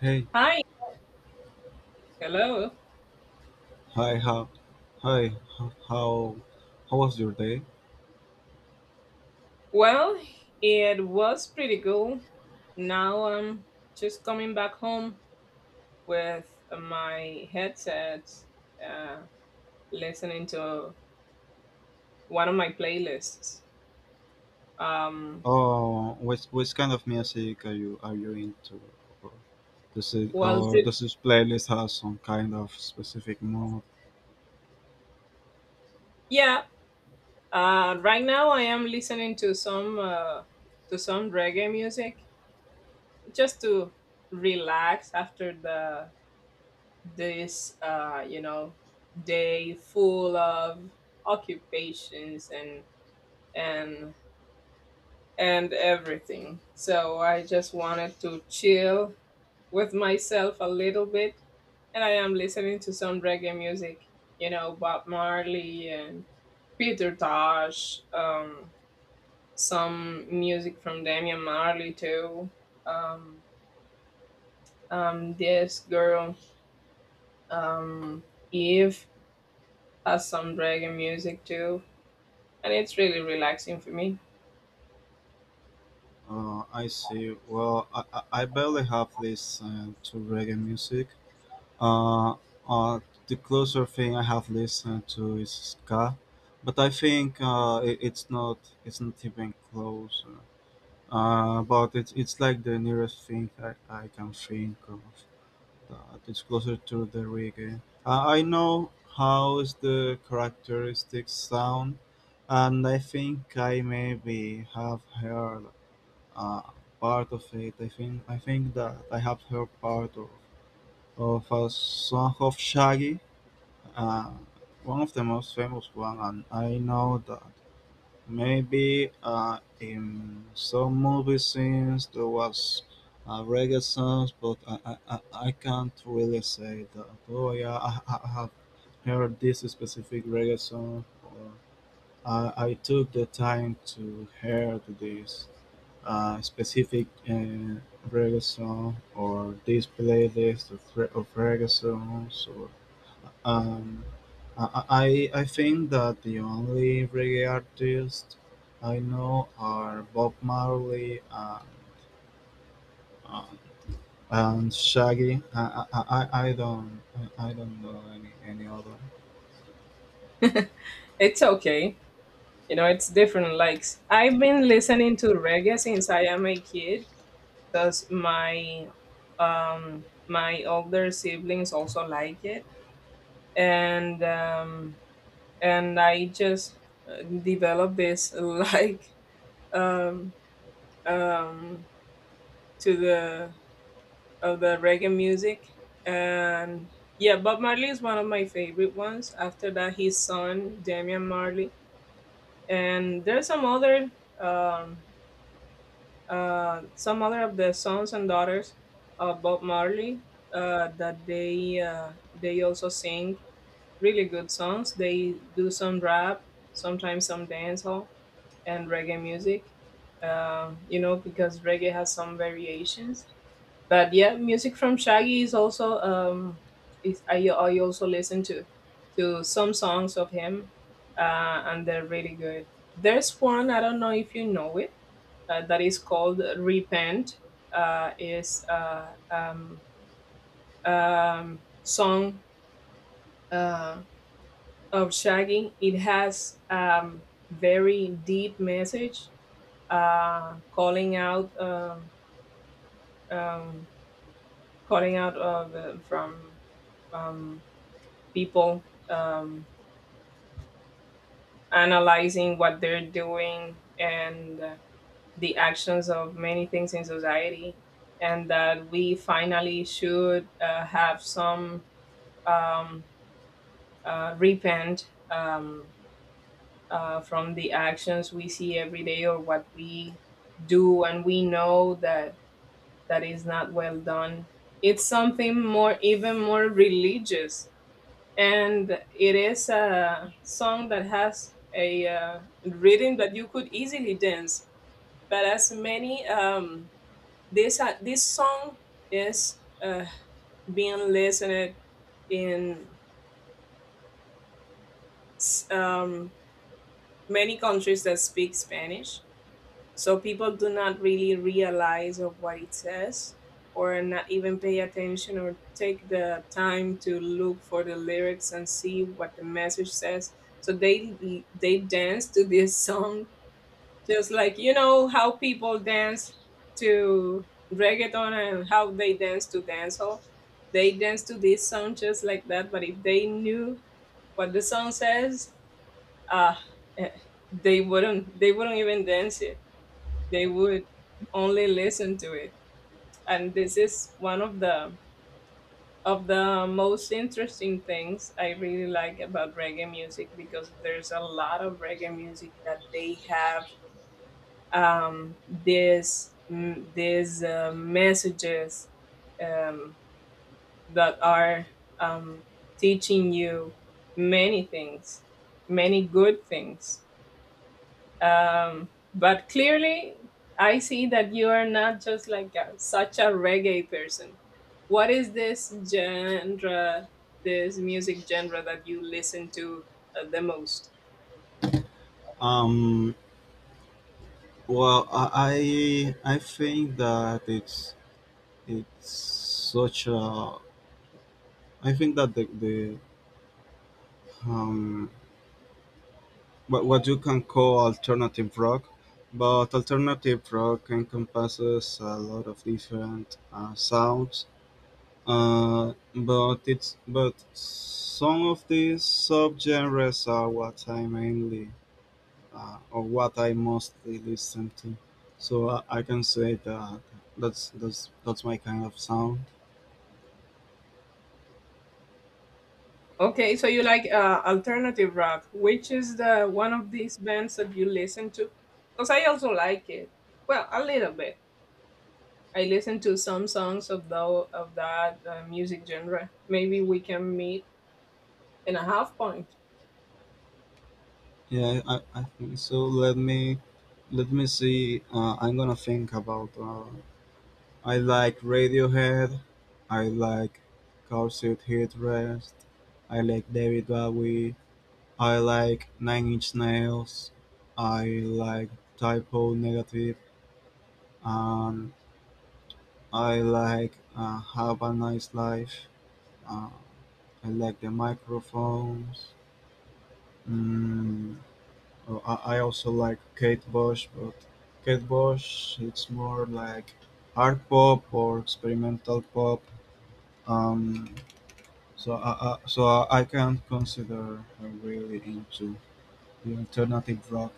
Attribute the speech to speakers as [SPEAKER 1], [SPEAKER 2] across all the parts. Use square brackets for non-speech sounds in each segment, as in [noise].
[SPEAKER 1] Hey,
[SPEAKER 2] Hi, hello.
[SPEAKER 1] hi, how, hi, ho- how was your day?
[SPEAKER 2] Well, it was pretty cool. Now I'm just coming back home with my headset, uh, listening to one of my playlists. Um,
[SPEAKER 1] Oh, which kind of music are you into? Or does it,
[SPEAKER 2] well,
[SPEAKER 1] or
[SPEAKER 2] to,
[SPEAKER 1] does this playlist have some kind of specific mood?
[SPEAKER 2] yeah. Right now I am listening to some reggae music just to relax after the this day full of occupations and and everything, so I just wanted to chill with myself a little bit, and I am listening to some reggae music. You know, Bob Marley and Peter Tosh, some music from Damian Marley too. um this girl, um Eve, has some reggae music too, and it's really relaxing for me.
[SPEAKER 1] I see. Well, I barely have listened to reggae music. Uh, uh, the closer thing I have listened to is ska, but I think it's not, it's not even close. But it's like the nearest thing I can think of that it's closer to the reggae. I know how is the characteristic sound, and I think I maybe have heard uh, part of it. I think that I have heard part of a song of Shaggy, uh, one of the most famous one, and I know that maybe in some movie scenes there was a reggae song, but I can't really say that. Oh yeah, I have heard this specific reggae song. Or I took the time to hear this specific reggae song, or this playlist of, of reggae songs, or um, I think that the only reggae artists I know are Bob Marley and, and Shaggy. I don't, I don't know any other.
[SPEAKER 2] It's okay. You know, it's different likes. I've been listening to reggae since I am a kid because my older siblings also like it, and um and I just developed this [laughs] like um um to the of the reggae music. And yeah, Bob Marley is one of my favorite ones. After that, his son Damian Marley, and there's some other, um, some other of the sons and daughters of Bob Marley, that they also sing really good songs. They do some rap, sometimes some dancehall and reggae music. You know, because reggae has some variations, but yeah, music from Shaggy is also, is I also listen to some songs of him, and they're really good. There's one, I don't know if you know it, that is called Repent. Is Song uh of Shaggy. It has very deep message, calling out, um calling out of from um people, um, analyzing what they're doing, and the actions of many things in society, and that we finally should have some, um, repent, from the actions we see every day, or what we do, and we know that that is not well done. It's something more, even more religious, and it is a song that has a rhythm that you could easily dance. But as many, this this song is being listened in s- um, many countries that speak Spanish. So people do not really realize of what it says, or not even pay attention or take the time to look for the lyrics and see what the message says. So they dance to this [laughs] song, just like, you know, how people dance to reggaeton and how they dance to dancehall. They dance to this song just like that. But if they knew what the song says, ah, eh, they wouldn't even dance it. They would only listen to it. And this is one of the most interesting things I really like about reggae music, because there's a lot of reggae music that they have, this mm, these messages, um, that are, um, teaching you many things, many good things. But clearly, I see that you are not just like a, such a reggae person. What is this genre, this music genre that you listen to the most?
[SPEAKER 1] Um. Well, I think that it's such a, I think that the um what you can call alternative rock, but alternative rock encompasses a lot of different sounds. But it's, but some of these subgenres are what I mainly, or what I mostly listen to. So I can say that that's that's my kind of sound.
[SPEAKER 2] Okay, so you like, alternative rock. Which is the one of these bands that you listen to? Because I also like it, well, a little bit. I listen to some songs of the of that music genre. Maybe we can meet in a half point.
[SPEAKER 1] Yeah, I think so. Let me see. I'm gonna think about I like Radiohead, I like Cowshed Headrest, I like David Bowie, I like Nine Inch Nails, I like Typo Negative. Um, I like Have a Nice Life, uh, I like the microphones. Mm, oh, I also like Kate Bush, but Kate Bush it's more like art pop or experimental pop. Um, So I can't consider her really into the alternative rock.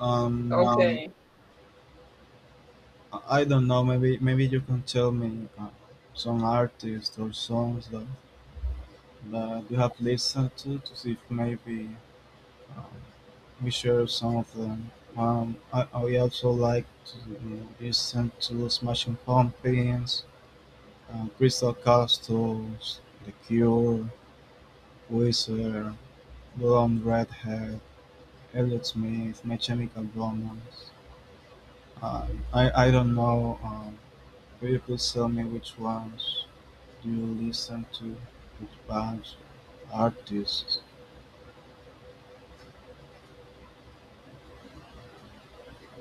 [SPEAKER 1] Um,
[SPEAKER 2] Okay.
[SPEAKER 1] I don't know. Maybe maybe you can tell me some artists or songs that you have listened to see if maybe, um, we share some of them. I also like to listen to Smashing Pumpkins, Crystal Castles, The Cure, Wizard, Blonde Redhead, Elliott Smith, My Chemical Romance. Uh, I don't know. Will you please tell me which ones do you listen to, which bands, artists?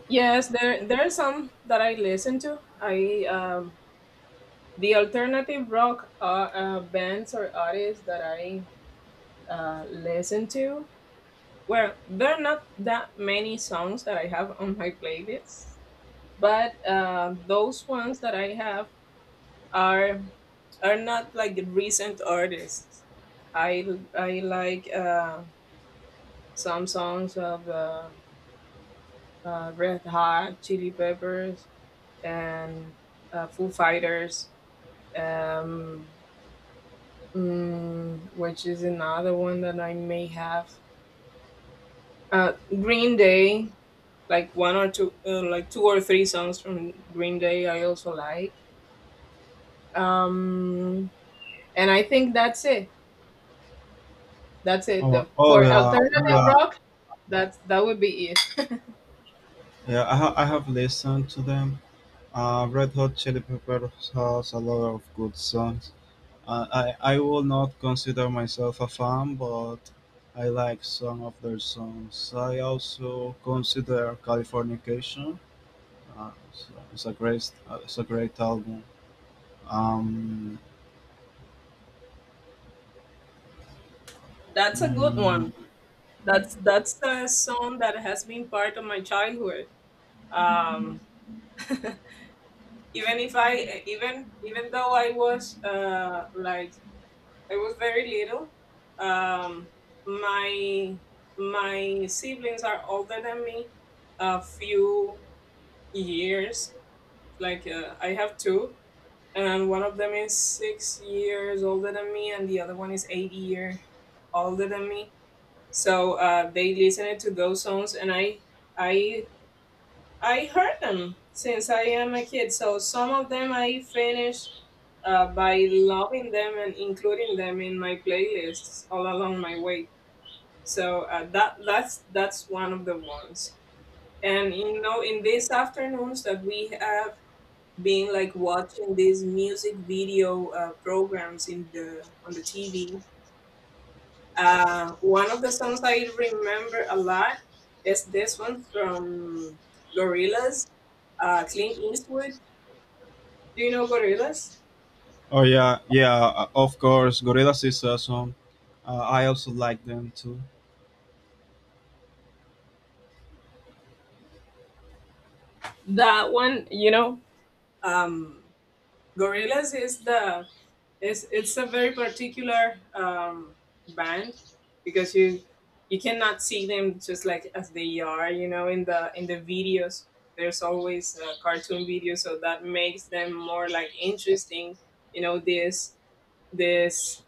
[SPEAKER 2] Yes, there are some that I listen to. I The alternative rock bands or artists that I listen to. Well, there are not that many songs that I have on my playlist, but those ones that I have are are not like the recent artists. I I like some songs of, Red Hot Chili Peppers, and Foo Fighters, um, which is another one that I may have. Uh, Green Day, like one or two, like two or three songs from Green Day, I also like. Um, and I think that's it. That's it.
[SPEAKER 1] Oh oh
[SPEAKER 2] For
[SPEAKER 1] yeah
[SPEAKER 2] alternative
[SPEAKER 1] yeah
[SPEAKER 2] rock, that would be it.
[SPEAKER 1] yeah. I have listened to them. Red Hot Chili Peppers has a lot of good songs. I will not consider myself a fan, but I like some of their songs. I also consider Californication, Uh, it's, it's a great album. Um,
[SPEAKER 2] That's a good one.
[SPEAKER 1] mm,
[SPEAKER 2] That's a song that has been part of my childhood. Um, Even if I, even even though I was like, I was very little. Um, my my siblings are older than me a few years. Like, I have two, and one of them is 6 years older than me, and the other one is 8 years older than me. So they listened to those songs, and I I heard them since I am a kid, so some of them I finished by loving them and including them in my playlists all along my way. So that that's one of the ones. And you know, in these afternoons that we have been like watching these music video programs in the on the TV, one of the songs I remember a lot is this one from Gorillaz, Clint Eastwood. Do you know Gorillas?
[SPEAKER 1] oh yeah, yeah, of course, Gorillaz is awesome. I also like them too.
[SPEAKER 2] That one, you know? Um, Gorillas is the is it's a very particular, band, because you cannot see them just like as they are. You know, in the videos, there's always a cartoon video, so that makes them more like interesting. You know, this this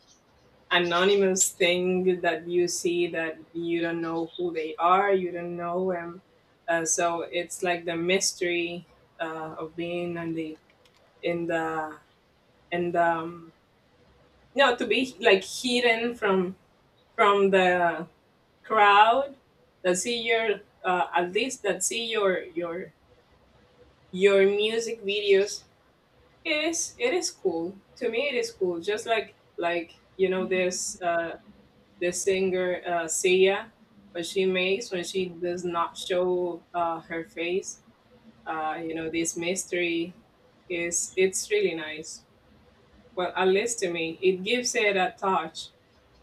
[SPEAKER 2] anonymous thing that you see, that you don't know who they are, you don't know them. So it's like the mystery, of being in the and no, to be like hidden from the crowd, that see your, at least that see your your music videos. It is cool to me. It is cool. Just like, you know, there's, the singer, Sia, what she makes when she does not show her face. You know, this mystery is it's really nice. Well, at least to me, it gives it a touch,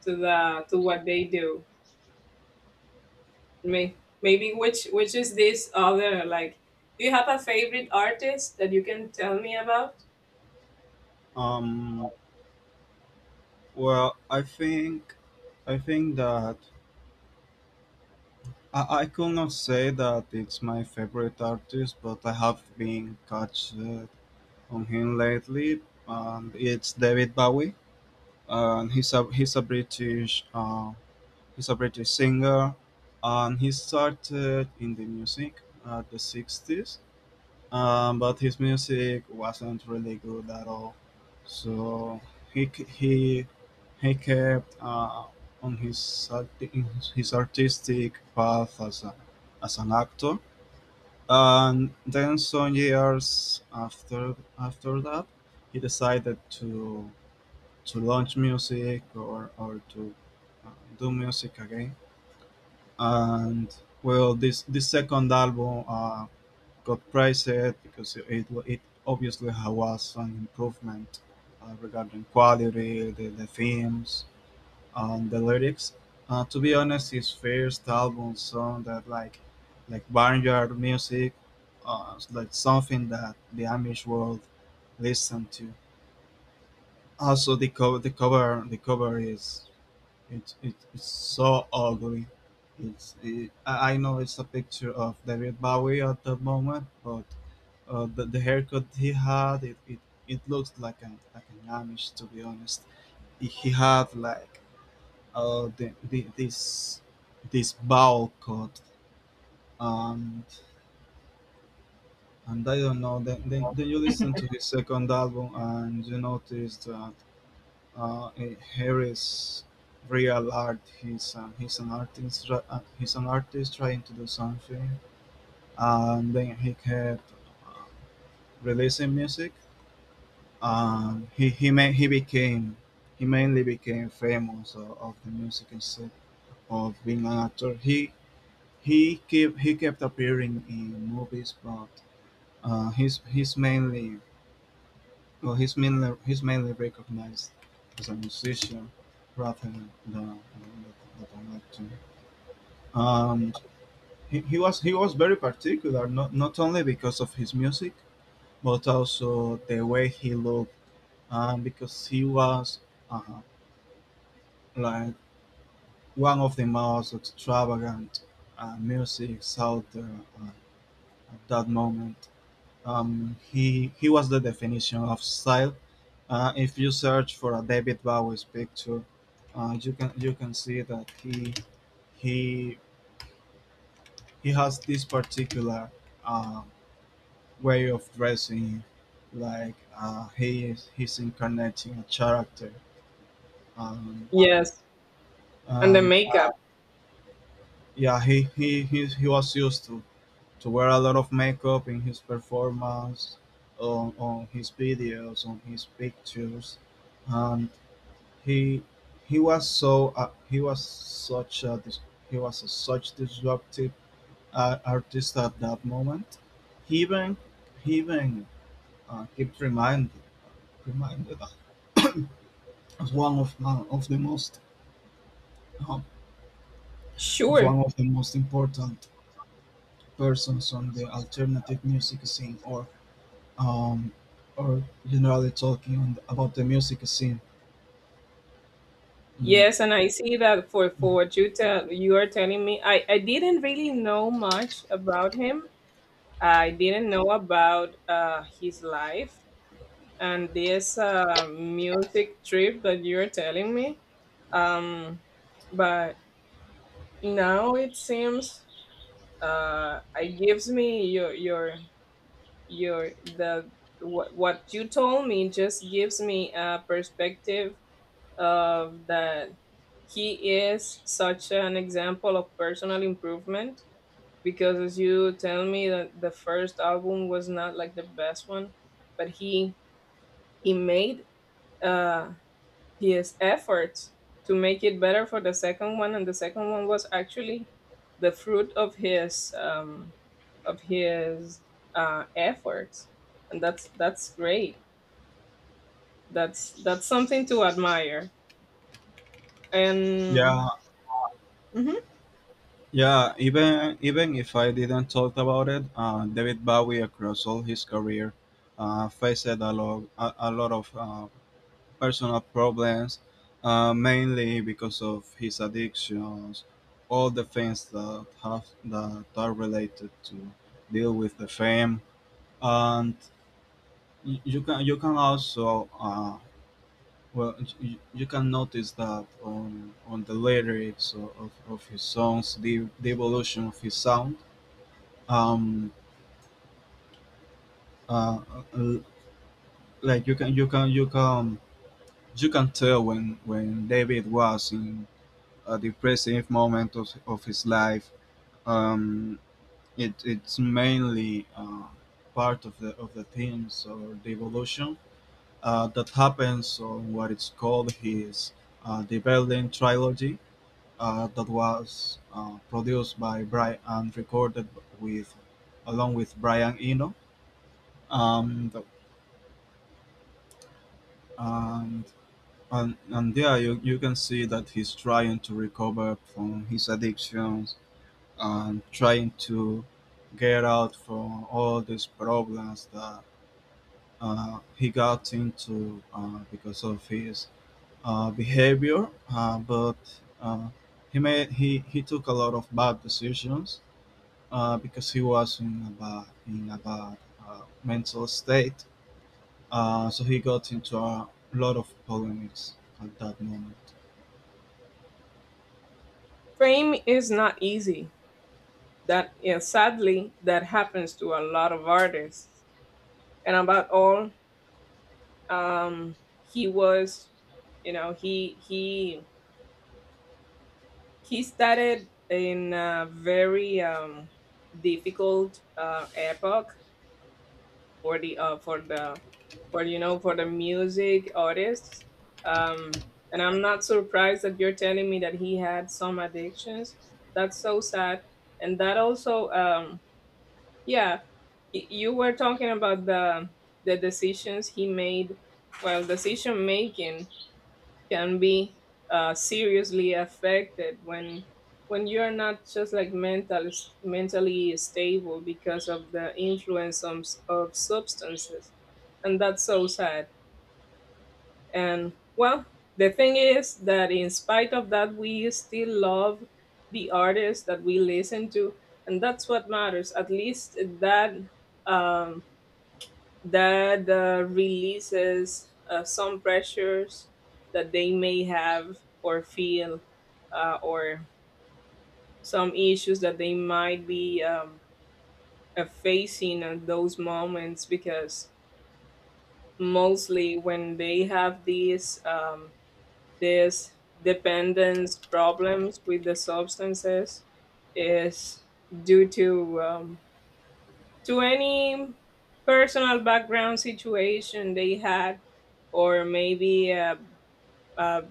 [SPEAKER 2] to the to what they do. Maybe which is this other like? Do you have a favorite artist that you can tell me about?
[SPEAKER 1] Um, well, I think that I could not say that it's my favorite artist, but I have been catch on him lately, and it's David Bowie. And he's a British. He's a British singer, and he started in the music at the 60s, but his music wasn't really good at all. So he k- he kept on his artistic path as a, as an actor, and then some years after that, he decided to launch music, or to uh, do music again. And well, this second album got praised because it was an improvement regarding quality, the themes and the lyrics. To be honest, his first album sounded like barnyard music, like something that the amish world listened to. Also the cover, the cover is, it's it's so ugly. It's it, I know it's a picture of David Bowie at the moment, but the haircut he had, it looks like an, like an Amish, to be honest. He had like the this this bowl cut, and and I don't know. Then, you listen to his second album and you notice that, Harris real art. He's an artist. He's an artist trying to do something. And then he kept uh, releasing music. He became, he mainly became famous of the music instead of being an actor. He kept, he kept appearing in movies, but he's mainly, well, he's mainly recognized as a musician rather than than an actor. And he was, he was very particular, not, not only because of his music, but also the way he looked, and because he was uh, like one of the most extravagant musics out there at that moment. He was the definition of style. If you search for a David Bowie's picture, you can see that he he has this particular uh, way of dressing, like he's incarnating a character. and,
[SPEAKER 2] Yes, and the
[SPEAKER 1] and
[SPEAKER 2] makeup.
[SPEAKER 1] yeah, he was used to wear a lot of makeup in his performance, on his videos, on his pictures. And He he was so he was such a he was a such disruptive artist at that moment. He even he even kept reminded [coughs] us as one of my, of the most, um, of
[SPEAKER 2] Sure.
[SPEAKER 1] one of the most important persons on the alternative music scene, um, or generally talking on the, about the music scene. Mm,
[SPEAKER 2] Yes, and I see that,
[SPEAKER 1] mm.
[SPEAKER 2] for what you are telling me, I didn't really know much about him. I didn't know about his life, and this music trip that you're telling me. Um, but now it seems it gives me your the what you told me just gives me a perspective of that he is such an example of personal improvement, because as you tell me that the first album was not like the best one, but he made uh his efforts to make it better for the second one, and the second one was actually the fruit of his of his efforts. And that's great, that's something to admire, and
[SPEAKER 1] Yeah,
[SPEAKER 2] mhm.
[SPEAKER 1] yeah, even even if I didn't talk about it, David Bowie across all his career faced a lot, a lot of personal problems, mainly because of his addictions, all the things that have, that are related to deal with the fame. And you can, you can also well you, you can notice that on the lyrics of his songs, the evolution of his sound, um uh, uh, like you can tell when David was in a depressive moment of his life. um it, it's mainly part of the, of the themes or the evolution that happens on what is called his the Berlin trilogy, that was produced by Brian and recorded with, along with Brian Eno. um, the- um, and there you, you can see that he's trying to recover from his addictions, and trying to get out from all these problems that he got into because of his behavior. But He made, he took a lot of bad decisions because he was in a bad mental state, so he got into a lot of polemics at that moment.
[SPEAKER 2] Fame is not easy. That, yeah, sadly, that happens to a lot of artists. And about all, um, he was, you know, he started in a very, difficult epoch for the, for, you know, for the music artists. Um, and I'm not surprised that you're telling me that he had some addictions. That's so sad, and that also. Yeah, you were talking about the decisions he made. Well, decision making can be seriously affected, when you're not just like mentally stable, because of the influence of, substances, and that's so sad. And well, the thing is that in spite of that, we still love the artists that we listen to, and that's what matters. At least that. Um, Releases some pressures that they may have or feel, or some issues that they might be, facing at those moments. Because mostly when they have these, this dependence problems with the substances, is due to, to any personal background situation they had, or maybe, uh,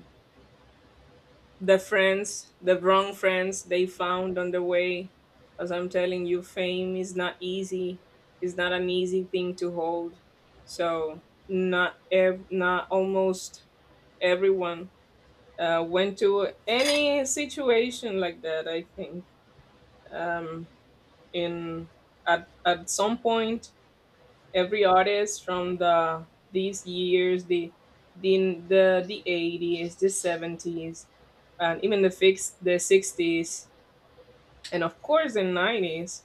[SPEAKER 2] the friends, the wrong friends they found on the way. As I'm telling you, fame is not easy. It's not an easy thing to hold. So, not almost everyone went to any situation like that. I think, um, in at some point every artist from these years, the 80s, the 70s, and even the 60s, and of course the 90s,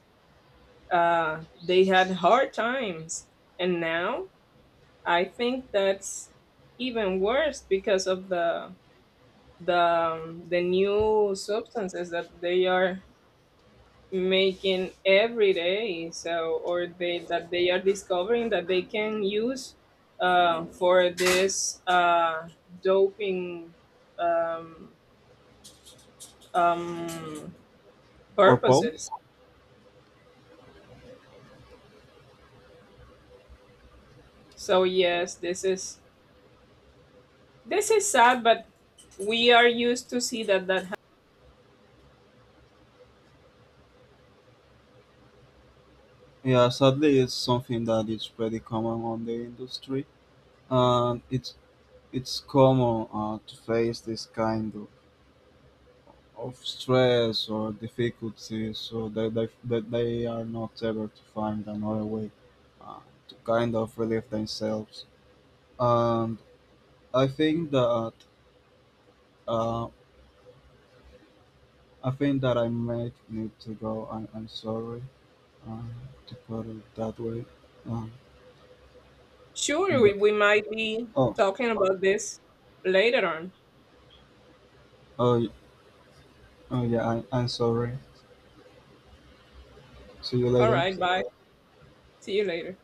[SPEAKER 2] they had hard times. And now I think that's even worse, because of the the new substances that they are making every day, so, or they that they are discovering that they can use, for this, doping, um, um, purposes.
[SPEAKER 1] Purpose.
[SPEAKER 2] So yes, this is sad, but we are used to see that
[SPEAKER 1] Yeah, sadly, it's something that is pretty common on the industry, and it's common to face this kind of stress or difficulties, so that they are not able to find another way uh, to kind of relieve themselves. And I think that, uh, I think that I might need to go. I'm sorry uh, to put it that way. Uh,
[SPEAKER 2] sure. we,
[SPEAKER 1] but,
[SPEAKER 2] we might be
[SPEAKER 1] oh,
[SPEAKER 2] talking about this later on.
[SPEAKER 1] oh, y- Oh, yeah. I'm sorry. See you
[SPEAKER 2] All
[SPEAKER 1] later.
[SPEAKER 2] right, bye. See you later.